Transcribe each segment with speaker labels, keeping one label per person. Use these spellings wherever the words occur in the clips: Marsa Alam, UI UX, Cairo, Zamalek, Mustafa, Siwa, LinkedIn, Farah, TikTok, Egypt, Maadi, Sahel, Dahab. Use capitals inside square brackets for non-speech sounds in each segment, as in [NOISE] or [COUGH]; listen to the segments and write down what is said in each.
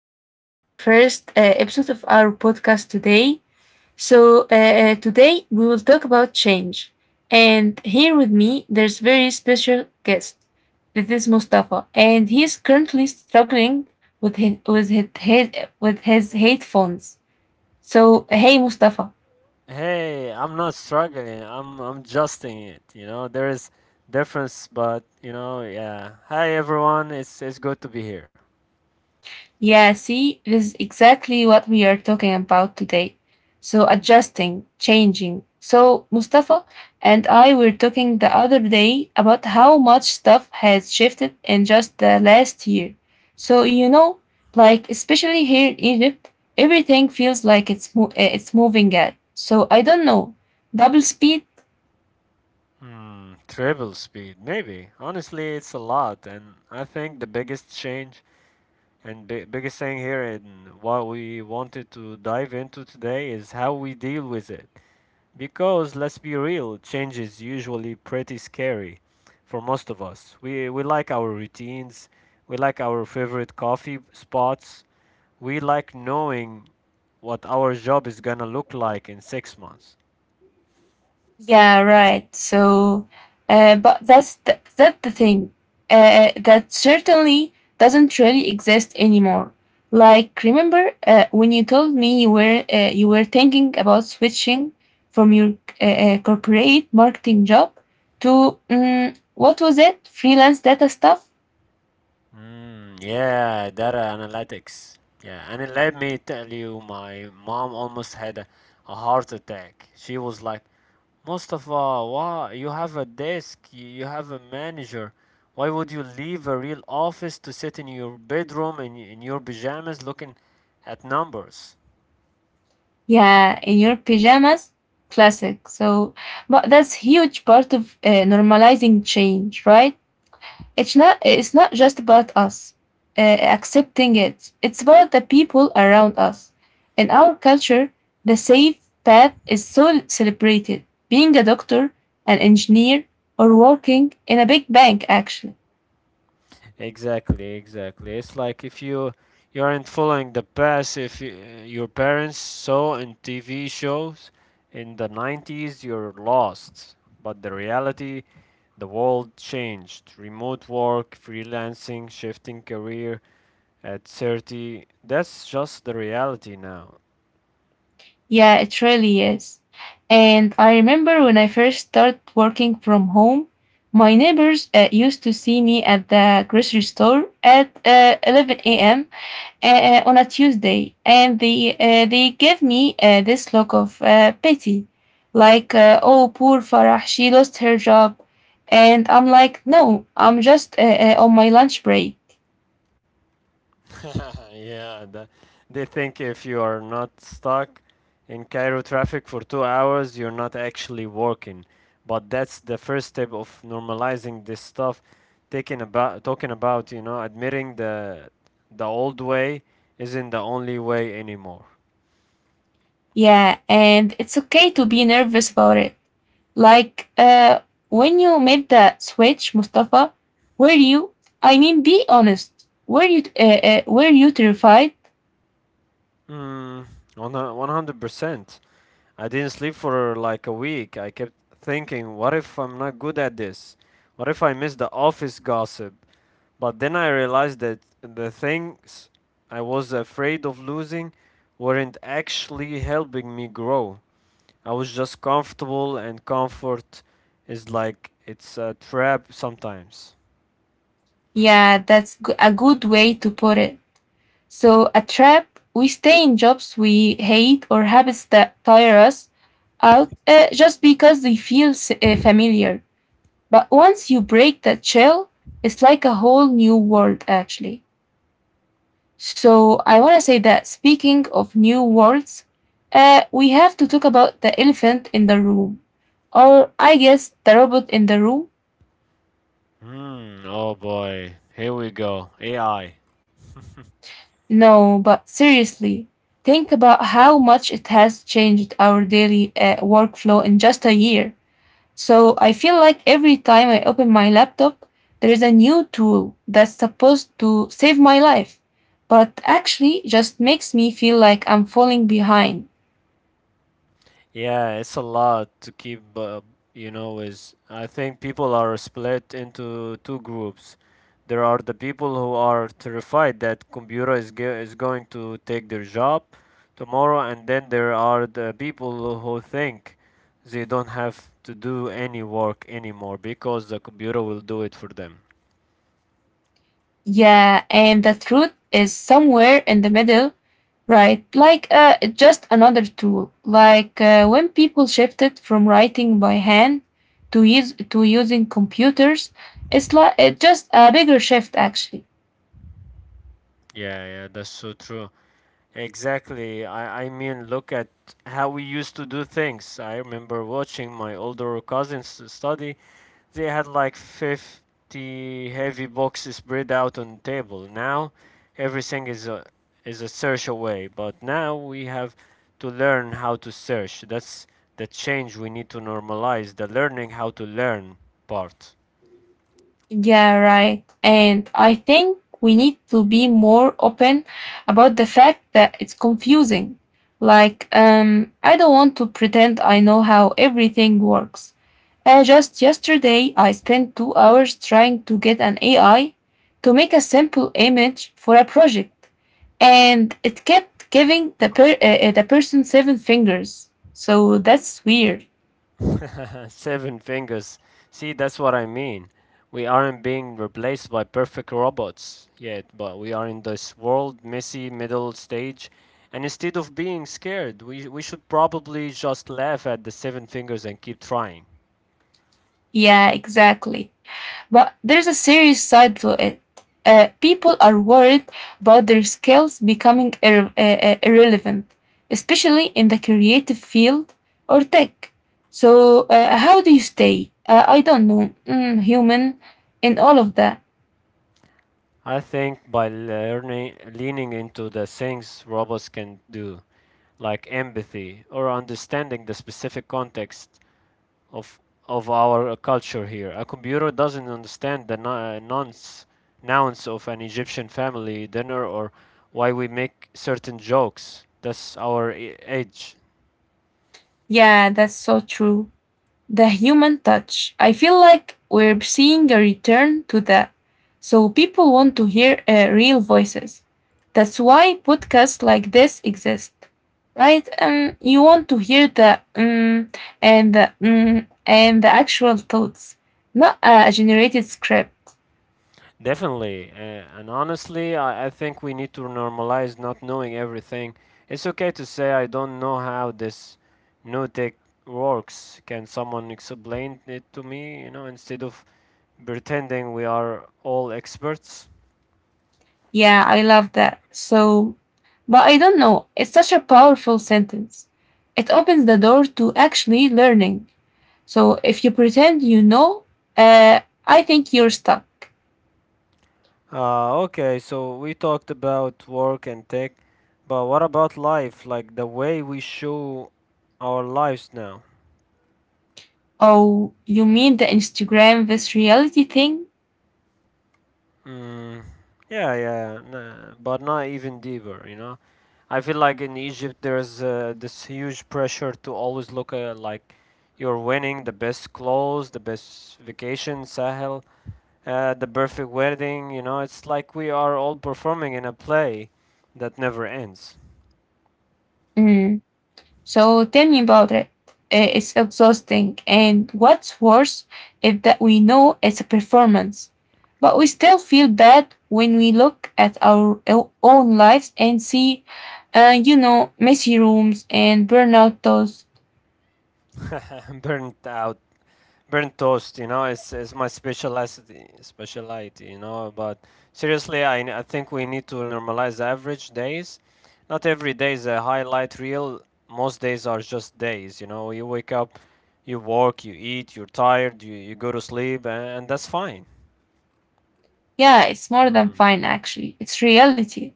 Speaker 1: to our first episode of our podcast today. Today we will talk about change. And here with me, there's very special guest. This is Mustafa, and he is currently struggling with his with his headphones. So, hey, Mustafa.
Speaker 2: Hey, I'm not struggling. I'm adjusting it. You know, there is difference, but you know, yeah. Hi everyone. It's good to be here.
Speaker 1: Yeah, see, this is exactly what we are talking about today. So, adjusting, changing. So, Mustafa and I were talking the other day about how much stuff has shifted in just the last year. So, you know, like especially here in Egypt, everything feels like it's moving at. So, I don't know, double speed.
Speaker 2: Hmm, travel speed, maybe. Honestly, it's a lot, and I think the biggest change and biggest thing here and what we wanted to dive into today is how we deal with it. Because let's be real, change is usually pretty scary for most of us. We like our routines, we like our favorite coffee spots, we like knowing what our job is gonna look like in 6 months.
Speaker 1: Yeah, right. So, but that's the thing. That certainly doesn't really exist anymore. Like, remember when you told me you were thinking about switching from your corporate marketing job to what was it? Freelance data stuff?
Speaker 2: Mm, yeah, data analytics. Yeah, and it let me tell you, my mom almost had a heart attack. She was like, Mustafa, why you have a desk, you have a manager. Why would you leave a real office to sit in your bedroom in your pajamas looking at numbers?
Speaker 1: Yeah, in your pajamas. Classic. So, but that's huge part of normalizing change, right? It's not just about us uh, accepting it. It's about the people around us. In our culture, the safe path is so celebrated. Being a doctor, an engineer, or working in a big bank actually.
Speaker 2: Exactly, exactly. It's like if you aren't following the past, if you, your parents saw in TV shows in the 90s, you're lost. But the reality, the world changed. Remote work, freelancing, shifting career at 30, that's just the reality now.
Speaker 1: Yeah, it really is. And I remember when I first started working from home, my neighbors used to see me at the grocery store at 11 a.m. On a Tuesday, and they gave me this look of pity, like oh poor Farah, she lost her job, and I'm like no, I'm just on my lunch break.
Speaker 2: [LAUGHS] Yeah, they think if you are not stuck in Cairo traffic for 2 hours, you're not actually working. But that's the first step of normalizing this stuff, taking about talking about, you know, admitting the old way isn't the only way anymore.
Speaker 1: Yeah, and it's okay to be nervous about it. Like when you made that switch, Mustafa, were you? I mean, be honest. Were you terrified?
Speaker 2: Mm, 100%. I didn't sleep for like a week. I kept thinking, what if I'm not good at this? What if I miss the office gossip? But then I realized that the things I was afraid of losing weren't actually helping me grow. I was just comfortable, and comfort is like it's a trap sometimes.
Speaker 1: Yeah, a good way to put it. So, a trap, we stay in jobs we hate or habits that tire us out just because they feel familiar. But once you break that shell, it's like a whole new world, actually. So, I want to say that speaking of new worlds, we have to talk about the elephant in the room. Or, I guess, the robot in the room.
Speaker 2: Hmm, oh boy. Here we go. AI.
Speaker 1: No, but seriously, think about how much it has changed our daily workflow in just a year. So I feel like every time I open my laptop, there is a new tool that's supposed to save my life, but actually just makes me feel like I'm falling behind.
Speaker 2: Yeah, it's a lot to keep, you know, Is I think people are split into two groups. There are the people who are terrified that computer is going to take their job tomorrow, and then there are the people who think they don't have to do any work anymore because the computer will do it for them.
Speaker 1: Yeah, and the truth is somewhere in the middle, right? Like it's just another tool. Like when people shifted from writing by hand to using computers, it's like it's just a bigger shift actually.
Speaker 2: Yeah, yeah, that's so true. Exactly. I mean, look at how we used to do things. I remember watching my older cousins study they had like 50 heavy boxes spread out on the table. Now everything is a, is a search away, but now we have to learn how to search. That's the change we need to normalize, the learning how to learn part.
Speaker 1: Yeah, right. And I think we need to be more open about the fact that it's confusing. Like, I don't want to pretend I know how everything works. Just yesterday, I spent 2 hours trying to get an AI to make a simple image for a project, and it kept giving the person seven fingers. So that's weird.
Speaker 2: [LAUGHS] Seven fingers. See, that's what I mean. We aren't being replaced by perfect robots yet, but we are in this world messy middle stage. And instead of being scared, we should probably just laugh at the seven fingers and keep trying.
Speaker 1: Yeah, exactly. But there's a serious side to it. People are worried about their skills becoming irrelevant, especially in the creative field or tech. So, how do you stay? I don't know, human, in all of that.
Speaker 2: I think by learning leaning into the things robots can do, like empathy or understanding the specific context, of of our culture here. A computer doesn't understand the nouns of an Egyptian family dinner or why we make certain jokes. That's our age.
Speaker 1: Yeah, that's so true. The human touch. I feel like we're seeing a return to that. So people want to hear real voices. That's why podcasts like this exist, right? You want to hear the and the and the actual thoughts, not a generated script.
Speaker 2: Definitely. And honestly, I think we need to normalize not knowing everything. It's okay to say, I don't know how this new tech works. Can someone explain it to me? You know, instead of pretending we are all experts.
Speaker 1: Yeah, I love that. So, but I don't know. It's such a powerful sentence. It opens the door to actually learning. So if you pretend you know, uh, I think you're stuck.
Speaker 2: Okay, so we talked about work and tech, but what about life? Like the way we show our lives now?
Speaker 1: Oh, you mean the Instagram, this reality thing?
Speaker 2: Mm, yeah, yeah, nah, but not even deeper, you know? I feel like in Egypt there's this huge pressure to always look like you're winning the best clothes, the best vacation, Sahel, the perfect wedding, you know? It's like we are all performing in a play that never ends.
Speaker 1: Mm. So tell me about it. It's exhausting. And what's worse is that we know it's a performance, but we still feel bad when we look at our own lives and see, you know, messy rooms and burnout thoughts.
Speaker 2: [LAUGHS] Burnt out burnt toast, you know, it's my specialty speciality, you know, but seriously, I think we need to normalize average days, not every day is a highlight reel, most days are just days, you know, you wake up, you work, you eat, you're tired, you go to sleep, and that's fine.
Speaker 1: Yeah, it's more than
Speaker 2: Mm.
Speaker 1: fine, actually. It's reality.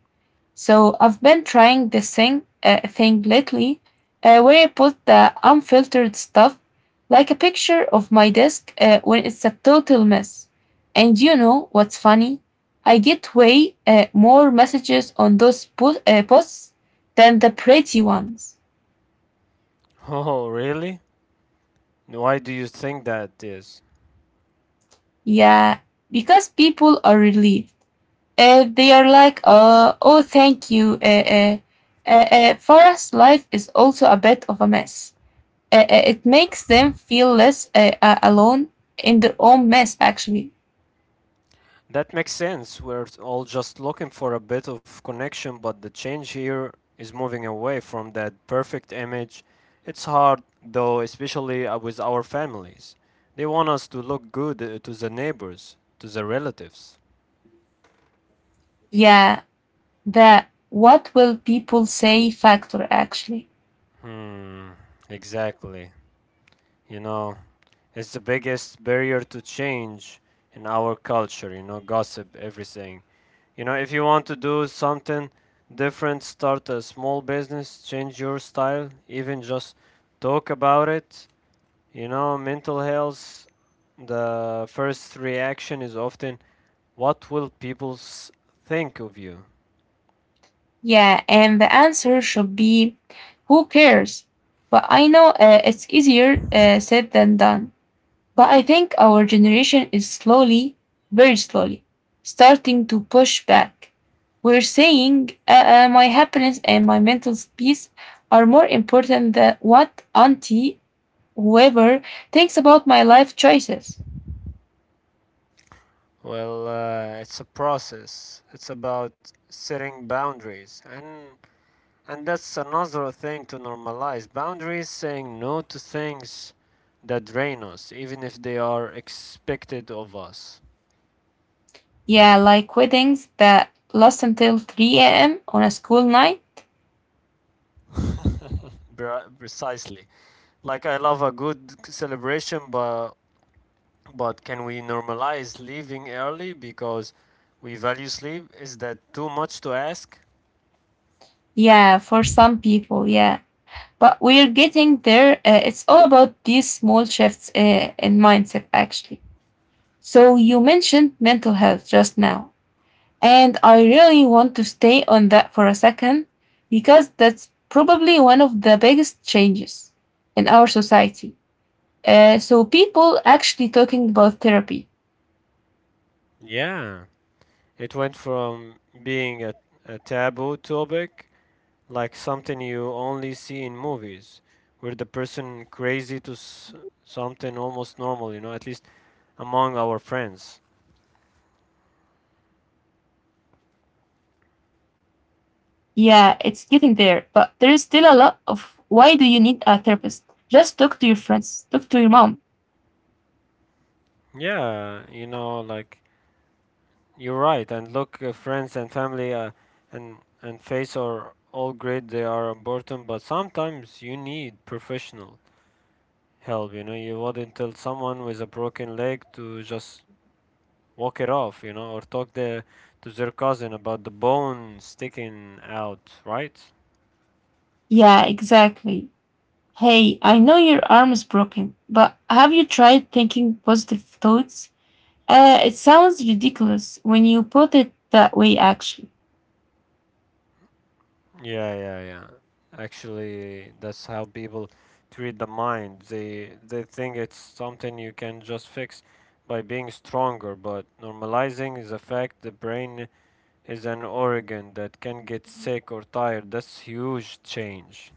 Speaker 1: So I've been trying this thing lately, where I put the unfiltered stuff, like a picture of my desk when it's a total mess. And you know what's funny? I get way more messages on those posts than the pretty ones.
Speaker 2: [LAUGHS] Oh really, why do you think that is?
Speaker 1: Yeah, because people are relieved. They are like, oh, thank you. Farah's life is also a bit of a mess. It makes them feel less alone in their own mess actually.
Speaker 2: That makes sense. We're all just looking for a bit of connection, but the change here is moving away from that perfect image. It's hard, though, especially with our families. They want us to look good to the neighbors, to the relatives.
Speaker 1: Yeah, the what will people say factor actually.
Speaker 2: Hmm, exactly. You know, it's the biggest barrier to change in our culture, you know, gossip everything, you know, if you want to do something different, start a small business, change your style, even just talk about it, you know, mental health, the first reaction is often what will think of you.
Speaker 1: Yeah, and the answer should be who cares, but I know it's easier said than done. But I think our generation is slowly, very slowly, starting to push back. We're saying my happiness and my mental peace are more important than what auntie whoever thinks about my life choices.
Speaker 2: Well, it's a process, it's about setting boundaries and that's another thing to normalize, boundaries, saying no to things that drain us, even if they are expected of us.
Speaker 1: Yeah, like weddings that last until 3 a.m. on a school night.
Speaker 2: Precisely. Like, I love a good celebration, but can we normalize leaving early because we value sleep? Is that too much to ask?
Speaker 1: Yeah, for some people, yeah. But we're getting there. It's all about these small shifts in mindset, actually. So, you mentioned mental health just now. And I really want to stay on that for a second because that's probably one of the biggest changes in our society. So, people actually talking about therapy.
Speaker 2: Yeah. It went from being a taboo topic like something you only see in movies, where the person crazy to s- something almost normal, you know, at least among our friends.
Speaker 1: Yeah, it's getting there, but there is still a lot of why do you need a therapist? Just talk to your friends, talk to your mom.
Speaker 2: Yeah, you know, like you're right. And look, friends and family and face are all great. They are important, but sometimes you need professional help. You know, you wouldn't tell someone with a broken leg to just walk it off. You know, or talk the to their cousin about the bone sticking out, right?
Speaker 1: Yeah, exactly. Hey, I know your arm is broken, but have you tried thinking positive thoughts? It sounds ridiculous when you put it that way, actually.
Speaker 2: Yeah, yeah, yeah. Actually, that's how people treat the mind. They think it's something you can just fix by being stronger, but normalizing is a fact the brain is an organ that can get sick or tired. That's huge change.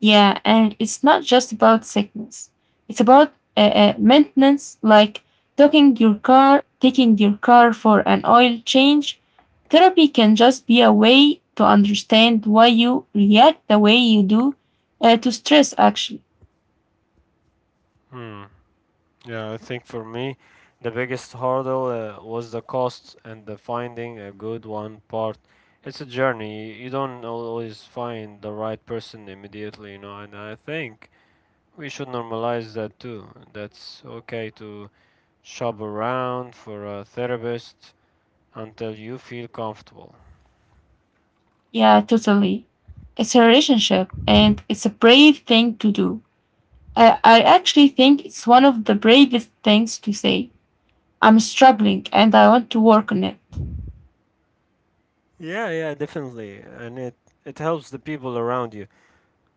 Speaker 1: Yeah, and it's not just about sickness. It's about maintenance, like docking your car, taking your car for an oil change. Therapy can just be a way to understand why you react the way you do to stress, actually.
Speaker 2: Hmm. Yeah, I think for me, the biggest hurdle was the cost and the finding a good one part. It's a journey. You don't always find the right person immediately, you know, and I think we should normalize that too. That's okay to shop around for a therapist until you feel comfortable.
Speaker 1: Yeah, totally. It's a relationship and it's a brave thing to do. I actually think it's one of the bravest things to say. I'm struggling and I want to work on it.
Speaker 2: Yeah, yeah, definitely. And it helps the people around you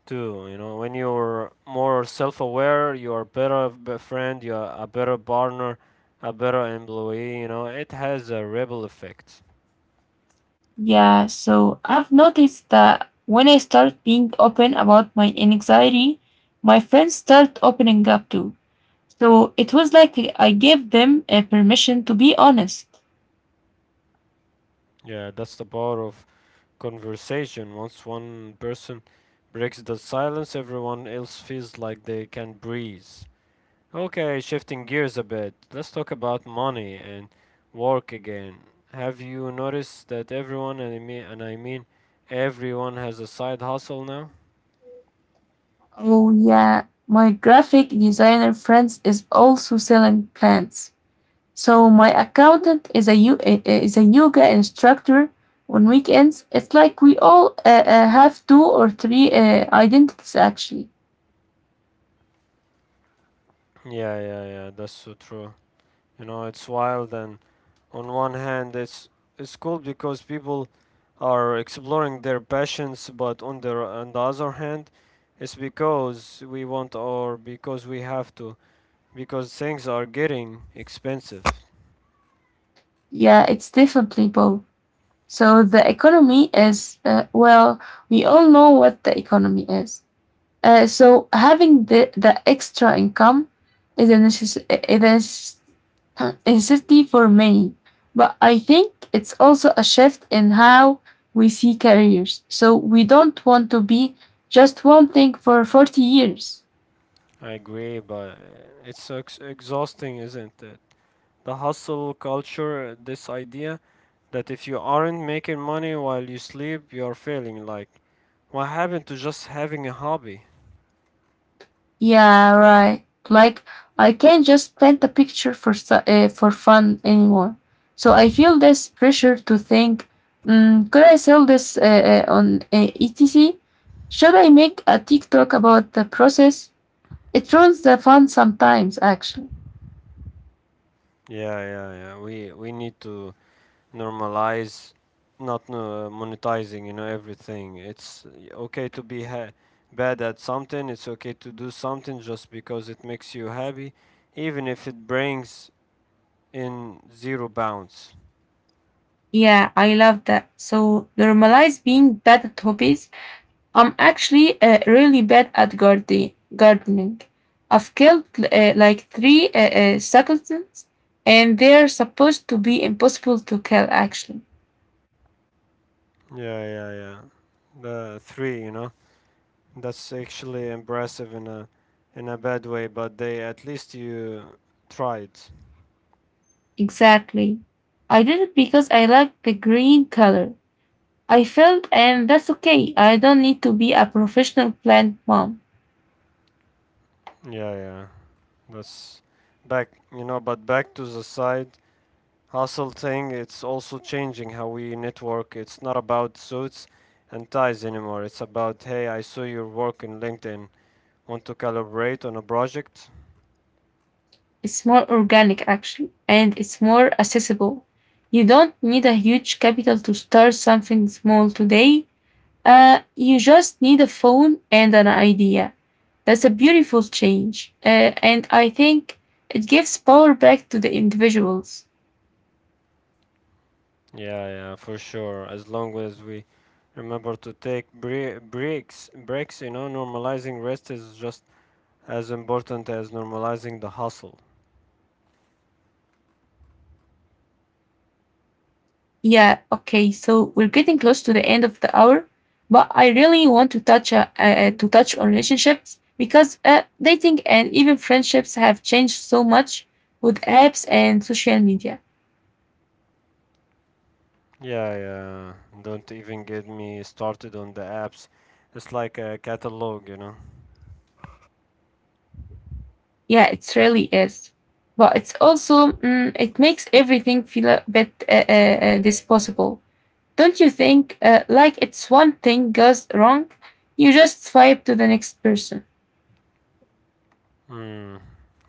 Speaker 2: too, you know. When you're more self-aware, you're friend, you're a better partner, a better employee, you know. It has a ripple effect.
Speaker 1: Yeah, so I've noticed that when I start being open about my anxiety, my friends start opening up too. So it was like I gave them a permission to be honest.
Speaker 2: Yeah, that's the power of conversation. Once one person breaks the silence, everyone else feels like they can breathe. Okay, shifting gears a bit. Let's talk about money and work again. Have you noticed that everyone, and I mean everyone, has a side hustle now?
Speaker 1: Oh, yeah, my graphic designer friends is also selling plants. So my accountant is is a yoga instructor on weekends. It's like we all have two or three identities actually.
Speaker 2: Yeah, yeah, yeah, that's so true. You know, it's wild, and on one hand, it's cool because people are exploring their passions, but on the other hand, it's because we want or because we have to, because things are getting expensive.
Speaker 1: Yeah, it's definitely both. So the economy is, well, we all know what the economy is. So having the extra income is it is a necessity for many. But I think it's also a shift in how we see careers. So we don't want to be just one thing for 40 years.
Speaker 2: I agree, but it's ex exhausting, isn't it? The hustle culture, this idea that if you aren't making money while you sleep, you're failing. Like, what happened to just having a hobby?
Speaker 1: Yeah, right. Like I can't just paint a picture for for fun anymore. So I feel this pressure to think: could I sell this on etc? Should I make a TikTok about the process? It ruins the fun sometimes, actually.
Speaker 2: Yeah, yeah, yeah. We need to normalize, not monetizing, you know, everything. It's okay to be ha bad at something. It's okay to do something just because it makes you happy, even if it brings in zero bounce.
Speaker 1: Yeah, I love that. So normalize being bad at hobbies. I'm actually really bad at gardening. I've killed like three succulents, and they're supposed to be impossible to kill, actually.
Speaker 2: Yeah, yeah, yeah. The three, you know, that's actually impressive in a bad way, but they at least you tried.
Speaker 1: Exactly. I did it because I like the green color. I felt, and that's okay. I don't need to be a professional plant mom.
Speaker 2: Yeah, yeah. That's back, you know, but back to the side hustle thing, it's also changing how we network. It's not about suits and ties anymore. It's about, hey, I saw your work in LinkedIn. Want to collaborate on a project?
Speaker 1: It's more organic actually, and it's more accessible. You don't need a huge capital to start something small today. You just need a phone and an idea. That's a beautiful change. And I think it gives power back to the individuals.
Speaker 2: Yeah, yeah, for sure. As long as we remember to take breaks, you know, normalizing rest is just as important as normalizing the hustle.
Speaker 1: Yeah, okay, so we're getting close to the end of the hour, but I really want to touch on relationships because dating and even friendships have changed so much with apps and social media.
Speaker 2: Yeah, yeah. Don't even get me started on the apps. It's like a catalog, you know.
Speaker 1: Yeah, it really is. But it's also, it makes everything feel a bit disposable. Don't you think? Like it's one thing goes wrong, you just swipe to the next person.
Speaker 2: Hmm.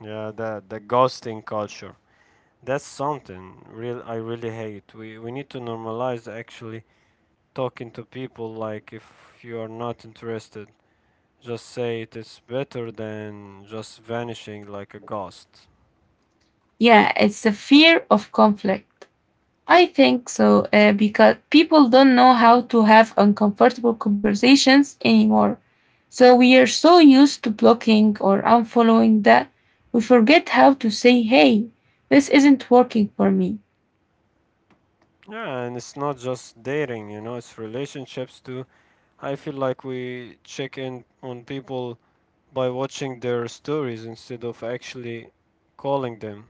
Speaker 2: Yeah, the ghosting culture. That's something real I really hate. We need to normalize actually talking to people like if you are not interested. Just say it is better than just vanishing like a ghost.
Speaker 1: Yeah, it's the fear of conflict. I think so because people don't know how to have uncomfortable conversations anymore. So we are so used to blocking or unfollowing that we forget how to say, hey, this isn't working for me.
Speaker 2: Yeah, and it's not just dating, you know, it's relationships too. I feel like we check in on people by watching their stories instead of actually calling them.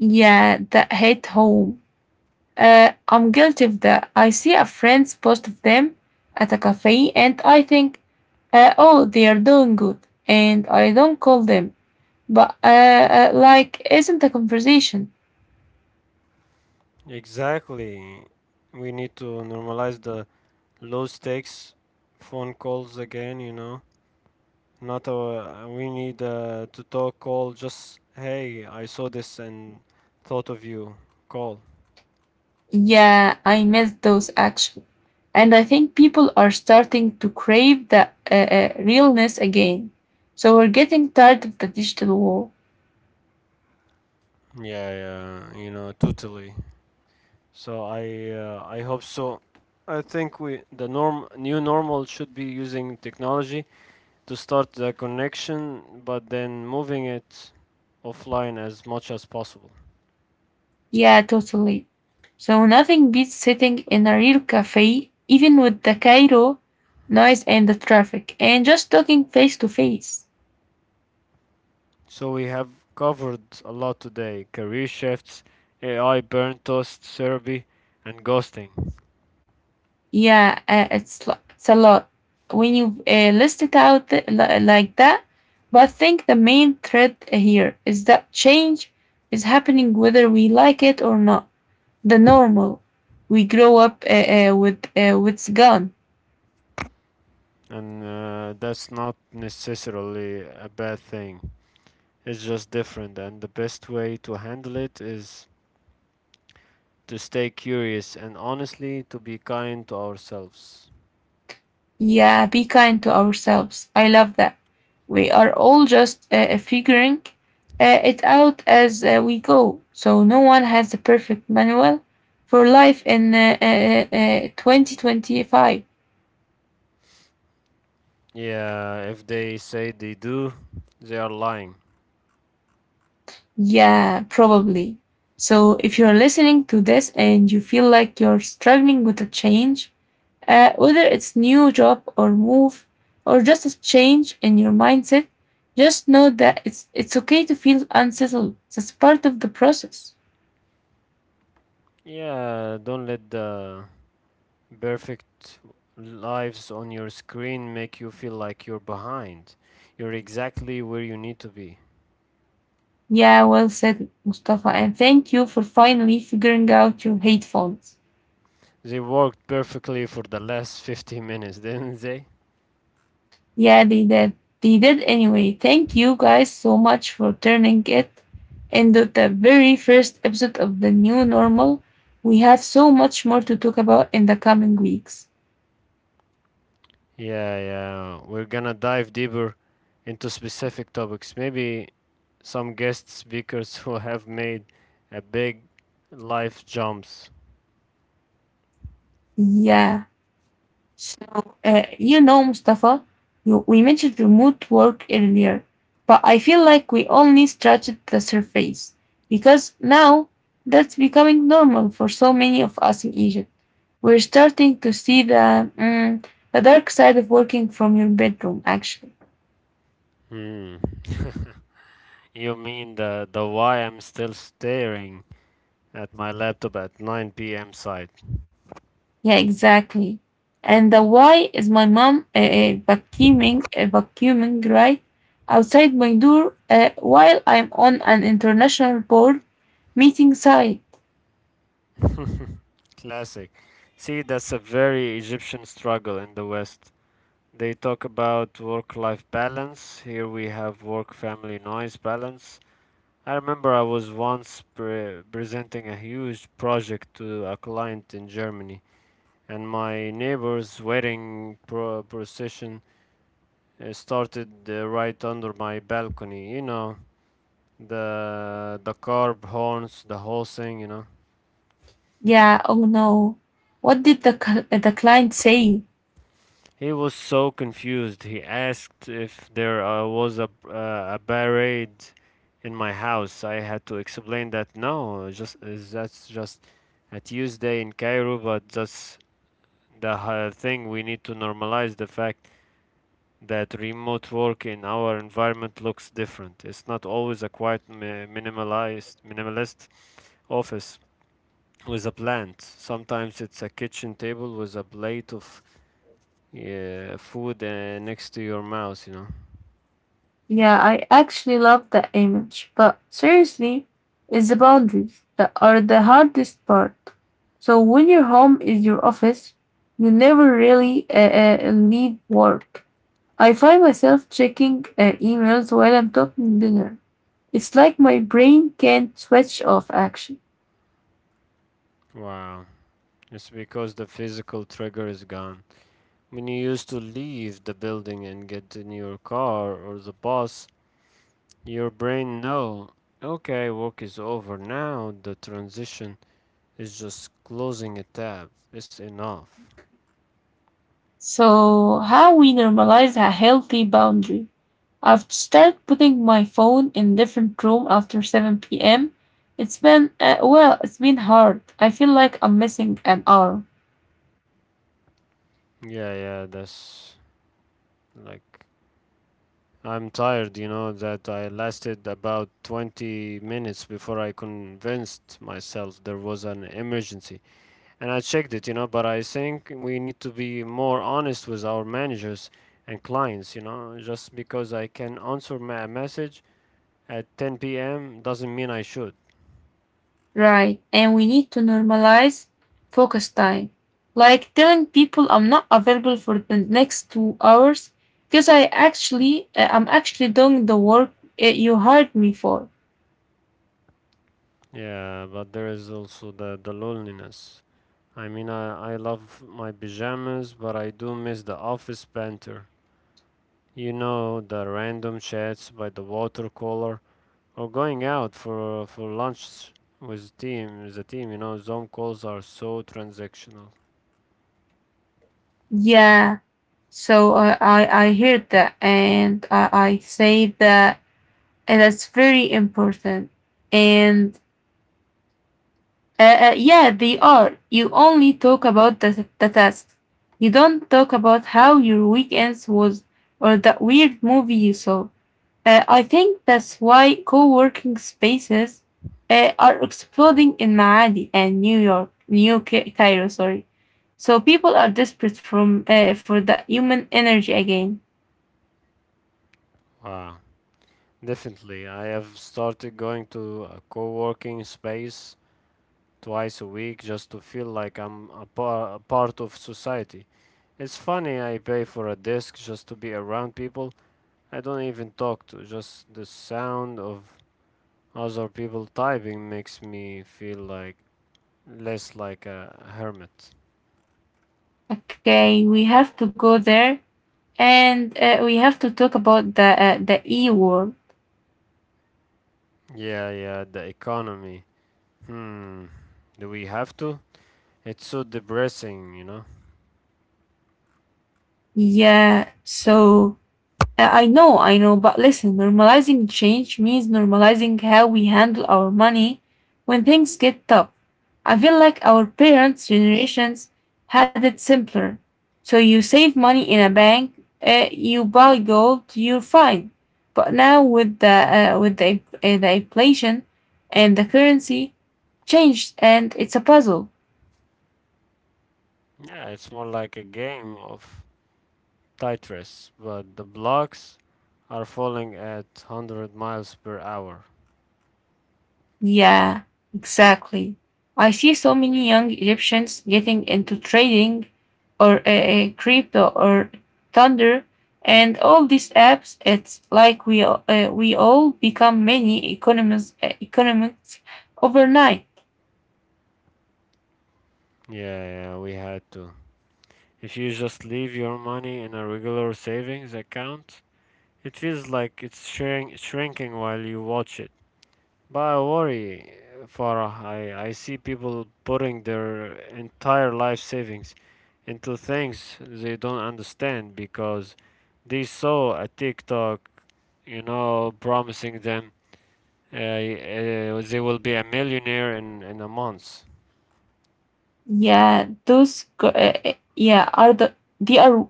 Speaker 1: Yeah, that hit home. I'm guilty of that. I see a friend's post of them at a cafe and I think, oh, they are doing good. And I don't call them. But, like, isn't a conversation?
Speaker 2: Exactly. We need to normalize the low stakes phone calls again, you know. Not a, we need to talk call, just hey, I saw this and thought of you call.
Speaker 1: Yeah, I miss those actions. And I think people are starting to crave the realness again. So we're getting tired of the digital wall.
Speaker 2: Yeah, yeah, you know, totally. I hope so. I think we the norm new normal should be using technology to start the connection, but then moving it offline as much as possible.
Speaker 1: Yeah, totally. So nothing beats sitting in a real cafe, even with the Cairo noise and the traffic, and just talking face to face.
Speaker 2: So we have covered a lot today: career shifts, AI, burn toast therapy, and ghosting.
Speaker 1: Yeah, it's a lot when you list it out like that. But I think the main thread here is that change is happening whether we like it or not. The normal we grow up with what's gone.
Speaker 2: And that's not necessarily a bad thing. It's just different, and the best way to handle it is to stay curious and honestly to be kind to ourselves.
Speaker 1: Yeah, be kind to ourselves. I love that. We are all just figuring it out as we go. So no one has the perfect manual for life in 2025.
Speaker 2: Yeah, if they say they do, they are lying.
Speaker 1: Yeah, probably. So if you're listening to this and you feel like you're struggling with a change, whether it's new job or move or just a change in your mindset, just know that it's okay to feel unsettled. That's part of the process.
Speaker 2: Yeah, don't let the perfect lives on your screen make you feel like you're behind. You're exactly where you need to be.
Speaker 1: Yeah, well said, Mustafa, and thank you for finally figuring out your headphones.
Speaker 2: They worked perfectly for the last 50 minutes, [LAUGHS] didn't they?
Speaker 1: Yeah, they did. They did anyway. Thank you guys so much for turning it into the very first episode of the new normal. We have so much more to talk about in the coming weeks.
Speaker 2: Yeah, yeah. We're gonna dive deeper into specific topics. Maybe some guest speakers [LAUGHS] who have made a big life jumps.
Speaker 1: Yeah. So, you know, Mustafa, we mentioned remote work earlier, but I feel like we only scratched the surface because now that's becoming normal for so many of us in Egypt. We're starting to see the, the dark side of working from your bedroom, actually.
Speaker 2: Hmm. You mean the why I'm still staring at my laptop at 9 p.m. side.
Speaker 1: Yeah, exactly. And the why is my mom vacuuming, vacuuming right outside my door while I'm on an international board meeting site.
Speaker 2: Classic. See, that's a very Egyptian struggle in the West. They talk about work life balance. Here we have work family noise balance. I remember I was once presenting a huge project to a client in Germany, and my neighbor's wedding procession started right under my balcony. You know, the carb horns, the whole thing. You know,
Speaker 1: Yeah, oh no. What did the, the client say?
Speaker 2: he was so confused. He asked if there was a parade in my house. I had to explain that no, just is that's just a Tuesday in Cairo, but that's the thing we need to normalize the fact that remote work in our environment looks different. It's not always a quiet minimalized minimalist office with a plant. Sometimes it's a kitchen table with a plate of yeah, food next to your mouse, you know.
Speaker 1: Yeah, I actually love the image, but seriously, it's the boundaries that are the hardest part. So when your home is your office, you never really leave work. I find myself checking emails while I'm talking dinner. It's like my brain can't switch off action.
Speaker 2: Wow. It's because the physical trigger is gone. When you used to leave the building and get in your car or the bus, your brain know, okay, work is over now, the transition is just closing a tab. It's enough.
Speaker 1: So, how we normalize a healthy boundary? I've started putting my phone in different room after 7 p.m. It's been it's been hard. I feel like I'm missing an hour.
Speaker 2: Yeah, yeah, that's like I'm tired, you know, that I lasted about 20 minutes before I convinced myself there was an emergency. And I checked it, you know, but I think we need to be more honest with our managers and clients, you know, just because I can answer a message at 10 p.m. doesn't mean I should.
Speaker 1: Right. And we need to normalize focus time. Like telling people I'm not available for the next 2 hours because I'm actually doing the work you hired me for.
Speaker 2: Yeah, but there is also the loneliness. I mean, I love my pajamas, but I do miss the office banter. You know, the random chats by the water cooler, or going out for lunch with team with the team. You know, Zoom calls are so transactional.
Speaker 1: Yeah. So I hear that and I say that and that's very important. And uh, yeah, they are. You only talk about the task. You don't talk about how your weekends was or that weird movie you saw. I think that's why co working spaces are exploding in Maadi and New York, Cairo, sorry. So people are desperate for the human energy again.
Speaker 2: Wow. Definitely, I have started going to a co-working space twice a week just to feel like I'm a part of society. It's funny, I pay for a disc just to be around people I don't even talk to, just the sound of other people typing makes me feel like less like a hermit.
Speaker 1: Okay, we have to go there and we have to talk about the E war.
Speaker 2: Yeah, yeah, the economy. Hmm, do we have to? It's so depressing, you know?
Speaker 1: Yeah, so I know, but listen, normalizing change means normalizing how we handle our money when things get tough. I feel like our parents' generations had it simpler. So you save money in a bank, you buy gold, you're fine. But now with the inflation and the currency changed, and it's a puzzle.
Speaker 2: Yeah, it's more like a game of titress, but the blocks are falling at 100 miles per hour.
Speaker 1: Yeah, exactly. I see so many young Egyptians getting into trading or crypto or thunder and all these apps. It's like we all become many economists economists overnight.
Speaker 2: Yeah, yeah, we had to. If you just leave your money in a regular savings account, it feels like it's shrinking while you watch it. But I worry, Farah, I see people putting their entire life savings into things they don't understand because they saw a TikTok, you know, promising them Uh, they will be a millionaire in a month.
Speaker 1: Yeah, those go- yeah are the they are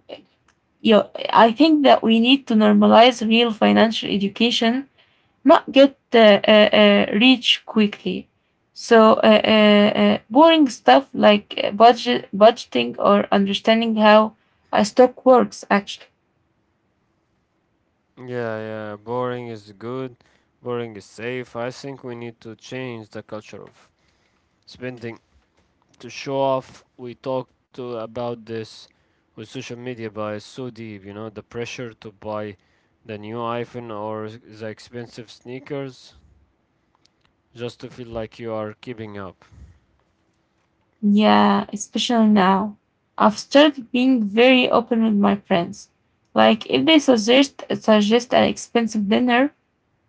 Speaker 1: yeah, I think that we need to normalize real financial education not get reach quickly. So boring stuff like budgeting or understanding how a stock works actually.
Speaker 2: Yeah, yeah. Boring is good. Boring is safe. I think we need to change the culture of spending to show off. We talked to about this with social media, but it's so deep. You know, the pressure to buy the new iPhone or the expensive sneakers just to feel like you are keeping up.
Speaker 1: Yeah, especially now. I've started being very open with my friends. Like if they suggest an expensive dinner,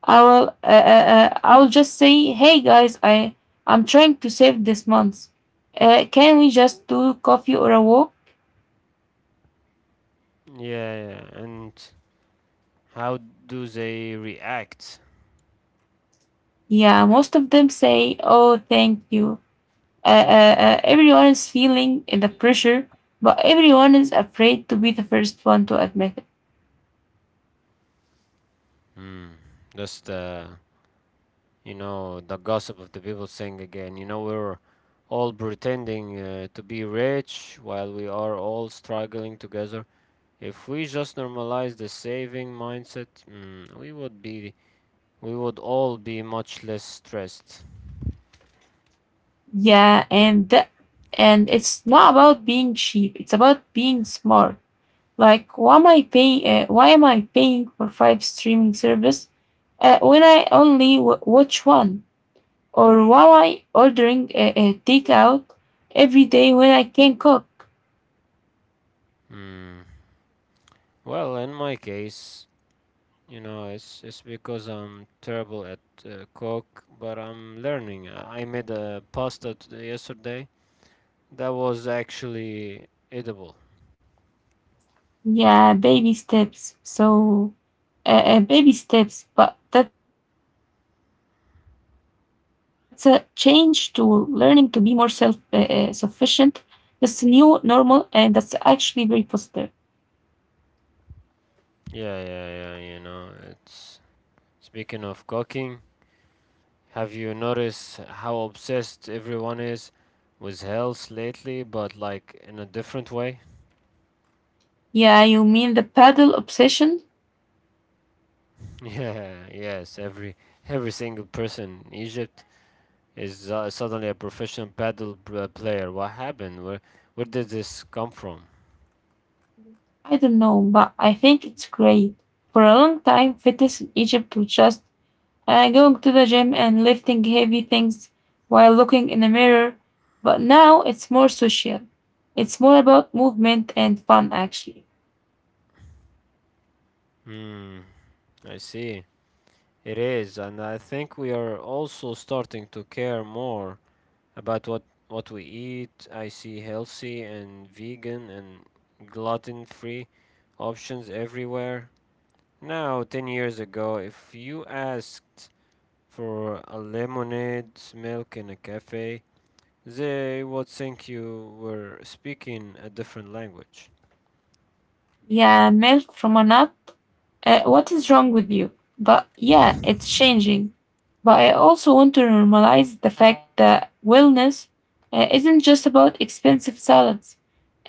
Speaker 1: I will just say, "Hey guys, I'm trying to save this month. Can we just do coffee or a walk?"
Speaker 2: Yeah, yeah. And how do they react?
Speaker 1: Yeah, most of them say, "Oh, thank you." Everyone is feeling the pressure, but everyone is afraid to be the first one to admit it.
Speaker 2: Hmm. That's the you know, the gossip of the people saying again, you know, we're all pretending to be rich while we are all struggling together. If we just normalize the saving mindset, mm, we would all be much less stressed.
Speaker 1: Yeah, and it's not about being cheap. It's about being smart. Like, why am I paying for five streaming service when I only watch one? Or why am I ordering a takeout every day when I can cook?
Speaker 2: Mm. Well, in my case, you know, it's because I'm terrible at cook, but I'm learning. I made a pasta yesterday that was actually edible.
Speaker 1: Yeah, baby steps. So, baby steps, but that's a change to learning to be more self sufficient. That's new normal, and that's actually very positive.
Speaker 2: Yeah, yeah, yeah, you know, it's speaking of cooking, have you noticed how obsessed everyone is with health lately, but like in a different way?
Speaker 1: Yeah, you mean the paddle obsession?
Speaker 2: [LAUGHS] Yeah, yes, every single person in Egypt is suddenly a professional paddle player. What happened? Where did this come from?
Speaker 1: I don't know, but I think it's great. For a long time, fitness in Egypt was just going to the gym and lifting heavy things while looking in the mirror, but now it's more social. It's more about movement and fun, actually.
Speaker 2: Hmm, I see. It is, and I think we are also starting to care more about what we eat. I see healthy and vegan and gluten-free options everywhere. Now, 10 years ago, if you asked for a lemonade, milk in a cafe, they would think you were speaking a different language.
Speaker 1: Yeah, milk from a nut. What is wrong with you? But yeah, it's changing. But I also want to normalize the fact that wellness isn't just about expensive salads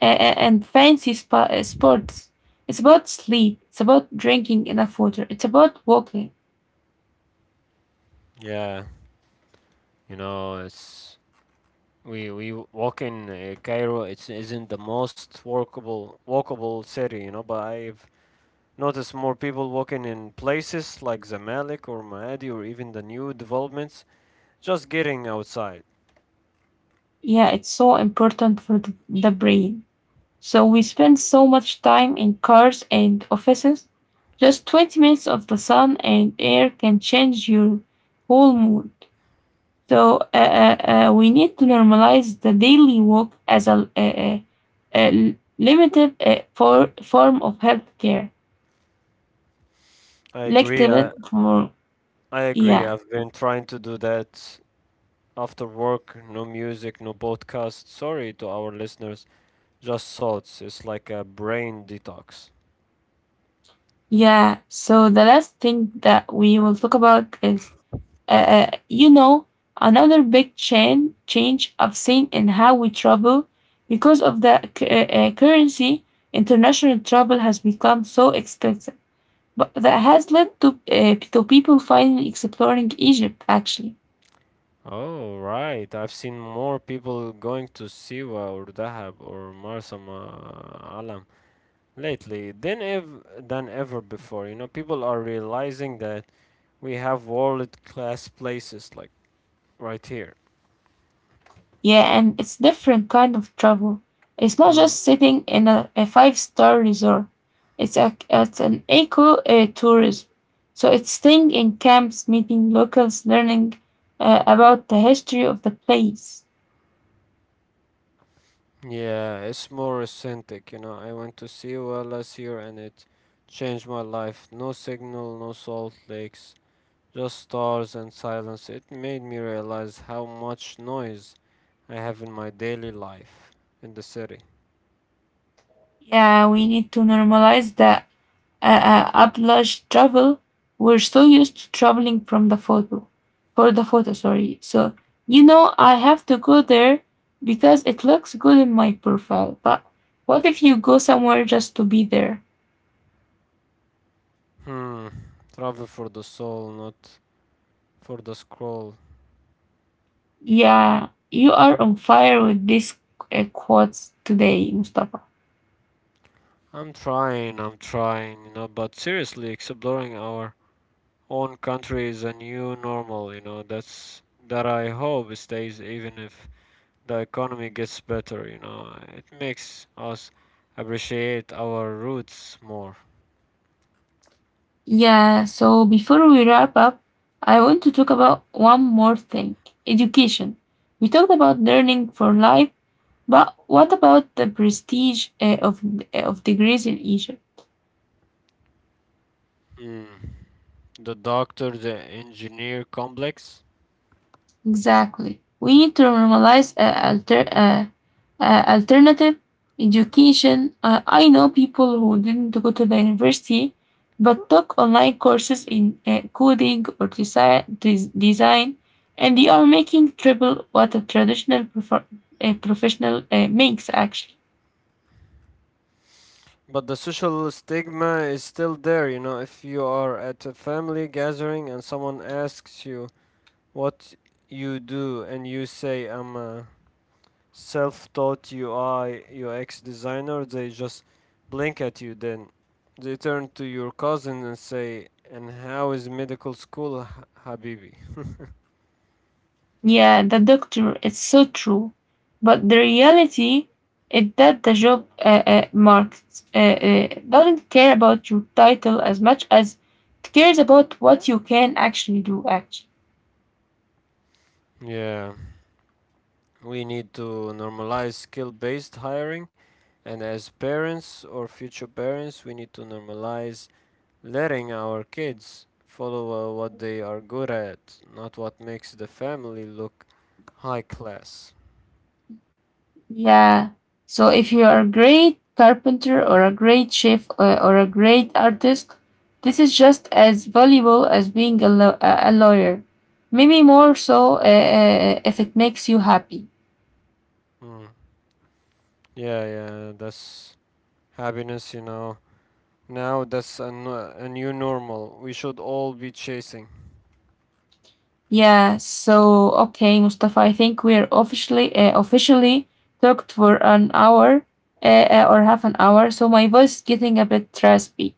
Speaker 1: and fancy sports. It's about sleep. It's about drinking enough water. It's about walking.
Speaker 2: Yeah, you know, it's we walk in Cairo. It isn't the most walkable city, you know, but I've notice more people walking in places like Zamalek or Maadi or even the new developments, just getting outside.
Speaker 1: Yeah, it's so important for the brain. So we spend so much time in cars and offices. Just 20 minutes of the sun and air can change your whole mood. So we need to normalize the daily walk as a limited form of healthcare.
Speaker 2: I agree.
Speaker 1: Limited for
Speaker 2: I agree.
Speaker 1: yeah
Speaker 2: I've been trying to do that after work. No music, no podcast. Sorry to our listeners. Just thoughts. It's like a brain detox.
Speaker 1: yeah. So the last thing that we will talk about is you know, another big change I've seen in how we travel because of the currency. International travel has become so expensive, but that has led to people finally exploring Egypt. Actually,
Speaker 2: Oh, right. I've seen more people going to Siwa or Dahab or Marsama Alam lately than ever before. You know, people are realizing that we have world-class places like right here.
Speaker 1: yeah, and it's different kind of travel. It's not
Speaker 2: Mm.
Speaker 1: just sitting in a five-star resort. It's a, it's an eco tourism. So it's staying in camps, meeting locals, learning about the history of the place.
Speaker 2: Yeah, it's more authentic, you know. I went to Siwa last year and it changed my life. No signal, no salt lakes, just stars and silence. It made me realize how much noise I have in my daily life in the city.
Speaker 1: Yeah, we need to normalize that. Oblige travel, we're so used to traveling from the photo, for the photo, sorry. So, you know, I have to go there because it looks good in my profile. But what if you go somewhere just to be there?
Speaker 2: Hmm. Travel for the soul, not for the scroll.
Speaker 1: Yeah, you are on fire with these quotes today, Mustafa.
Speaker 2: I'm trying, you know, but seriously, exploring our own country is a new normal, you know, that's that I hope stays even if the economy gets better, you know. It makes us appreciate our roots more.
Speaker 1: Yeah, so before we wrap up, I want to talk about one more thing education. We talked about learning for life, but what about the prestige of degrees in Egypt?
Speaker 2: Mm. The doctor, the engineer complex.
Speaker 1: Exactly. We need to normalize alternative education. I know people who didn't go to the university but took online courses in coding or design, and they are making triple what a professional makes actually.
Speaker 2: But the social stigma is still there, you know. If you are at a family gathering and someone asks you what you do and you say, I'm a self-taught UI UX designer, they just blink at you. Then they turn to your cousin and say, "And how is medical school, Habibi?"
Speaker 1: Yeah, the doctor, it's so true. But the reality is that the job market doesn't care about your title as much as it cares about what you can actually do, actually.
Speaker 2: Yeah, we need to normalize skill-based hiring, and as parents or future parents, we need to normalize letting our kids follow what they are good at, not what makes the family look high class.
Speaker 1: Yeah. So if you are a great carpenter or a great chef or a great artist, this is just as valuable as being a, lo- a lawyer. Maybe more so if it makes you happy.
Speaker 2: Mm. Yeah, yeah, that's happiness, you know. Now that's a new normal. We should all be chasing.
Speaker 1: Yeah, so okay, Mustafa, I think we are officially talked for an hour or half an hour, so my voice is getting a bit raspy.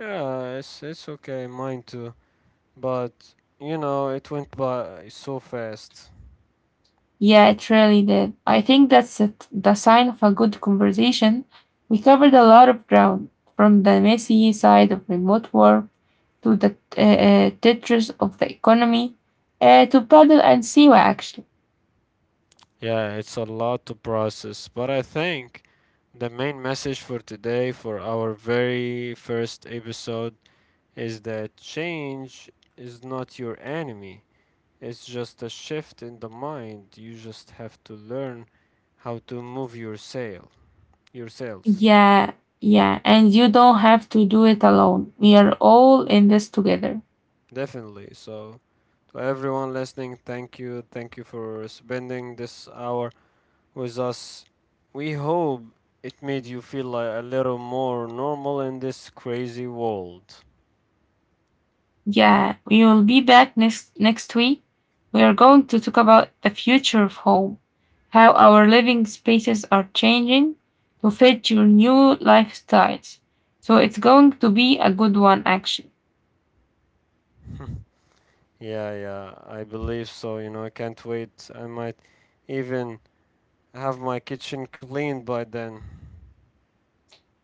Speaker 2: Yeah, it's okay, mine too. But you know, it went by so fast.
Speaker 1: Yeah, it really did. I think that's it, the sign of a good conversation. We covered a lot of ground, from the messy side of remote work to the Tetris of the economy to paddle and Siwa actually.
Speaker 2: Yeah, it's a lot to process, but I think the main message for today for our very first episode is that change is not your enemy. It's just a shift in the mind. You just have to learn how to move your your sails.
Speaker 1: Yeah, yeah, and you don't have to do it alone. We are all in this together.
Speaker 2: Definitely. So, to everyone listening, thank you. Thank you for spending this hour with us. We hope it made you feel like a little more normal in this crazy world.
Speaker 1: Yeah, we will be back next week. We are going to talk about the future of home, how our living spaces are changing to fit your new lifestyles. So it's going to be a good one actually.
Speaker 2: [LAUGHS] Yeah, yeah, I believe so. You know, I can't wait. I might even have my kitchen cleaned by then.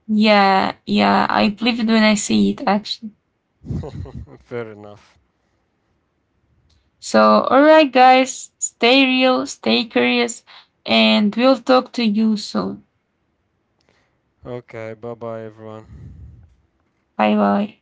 Speaker 1: Yeah, yeah, I believe it when I see it actually.
Speaker 2: [LAUGHS] Fair enough.
Speaker 1: So all right guys, stay real, stay curious, and we'll talk to you soon.
Speaker 2: Okay, bye bye, everyone.
Speaker 1: Bye bye.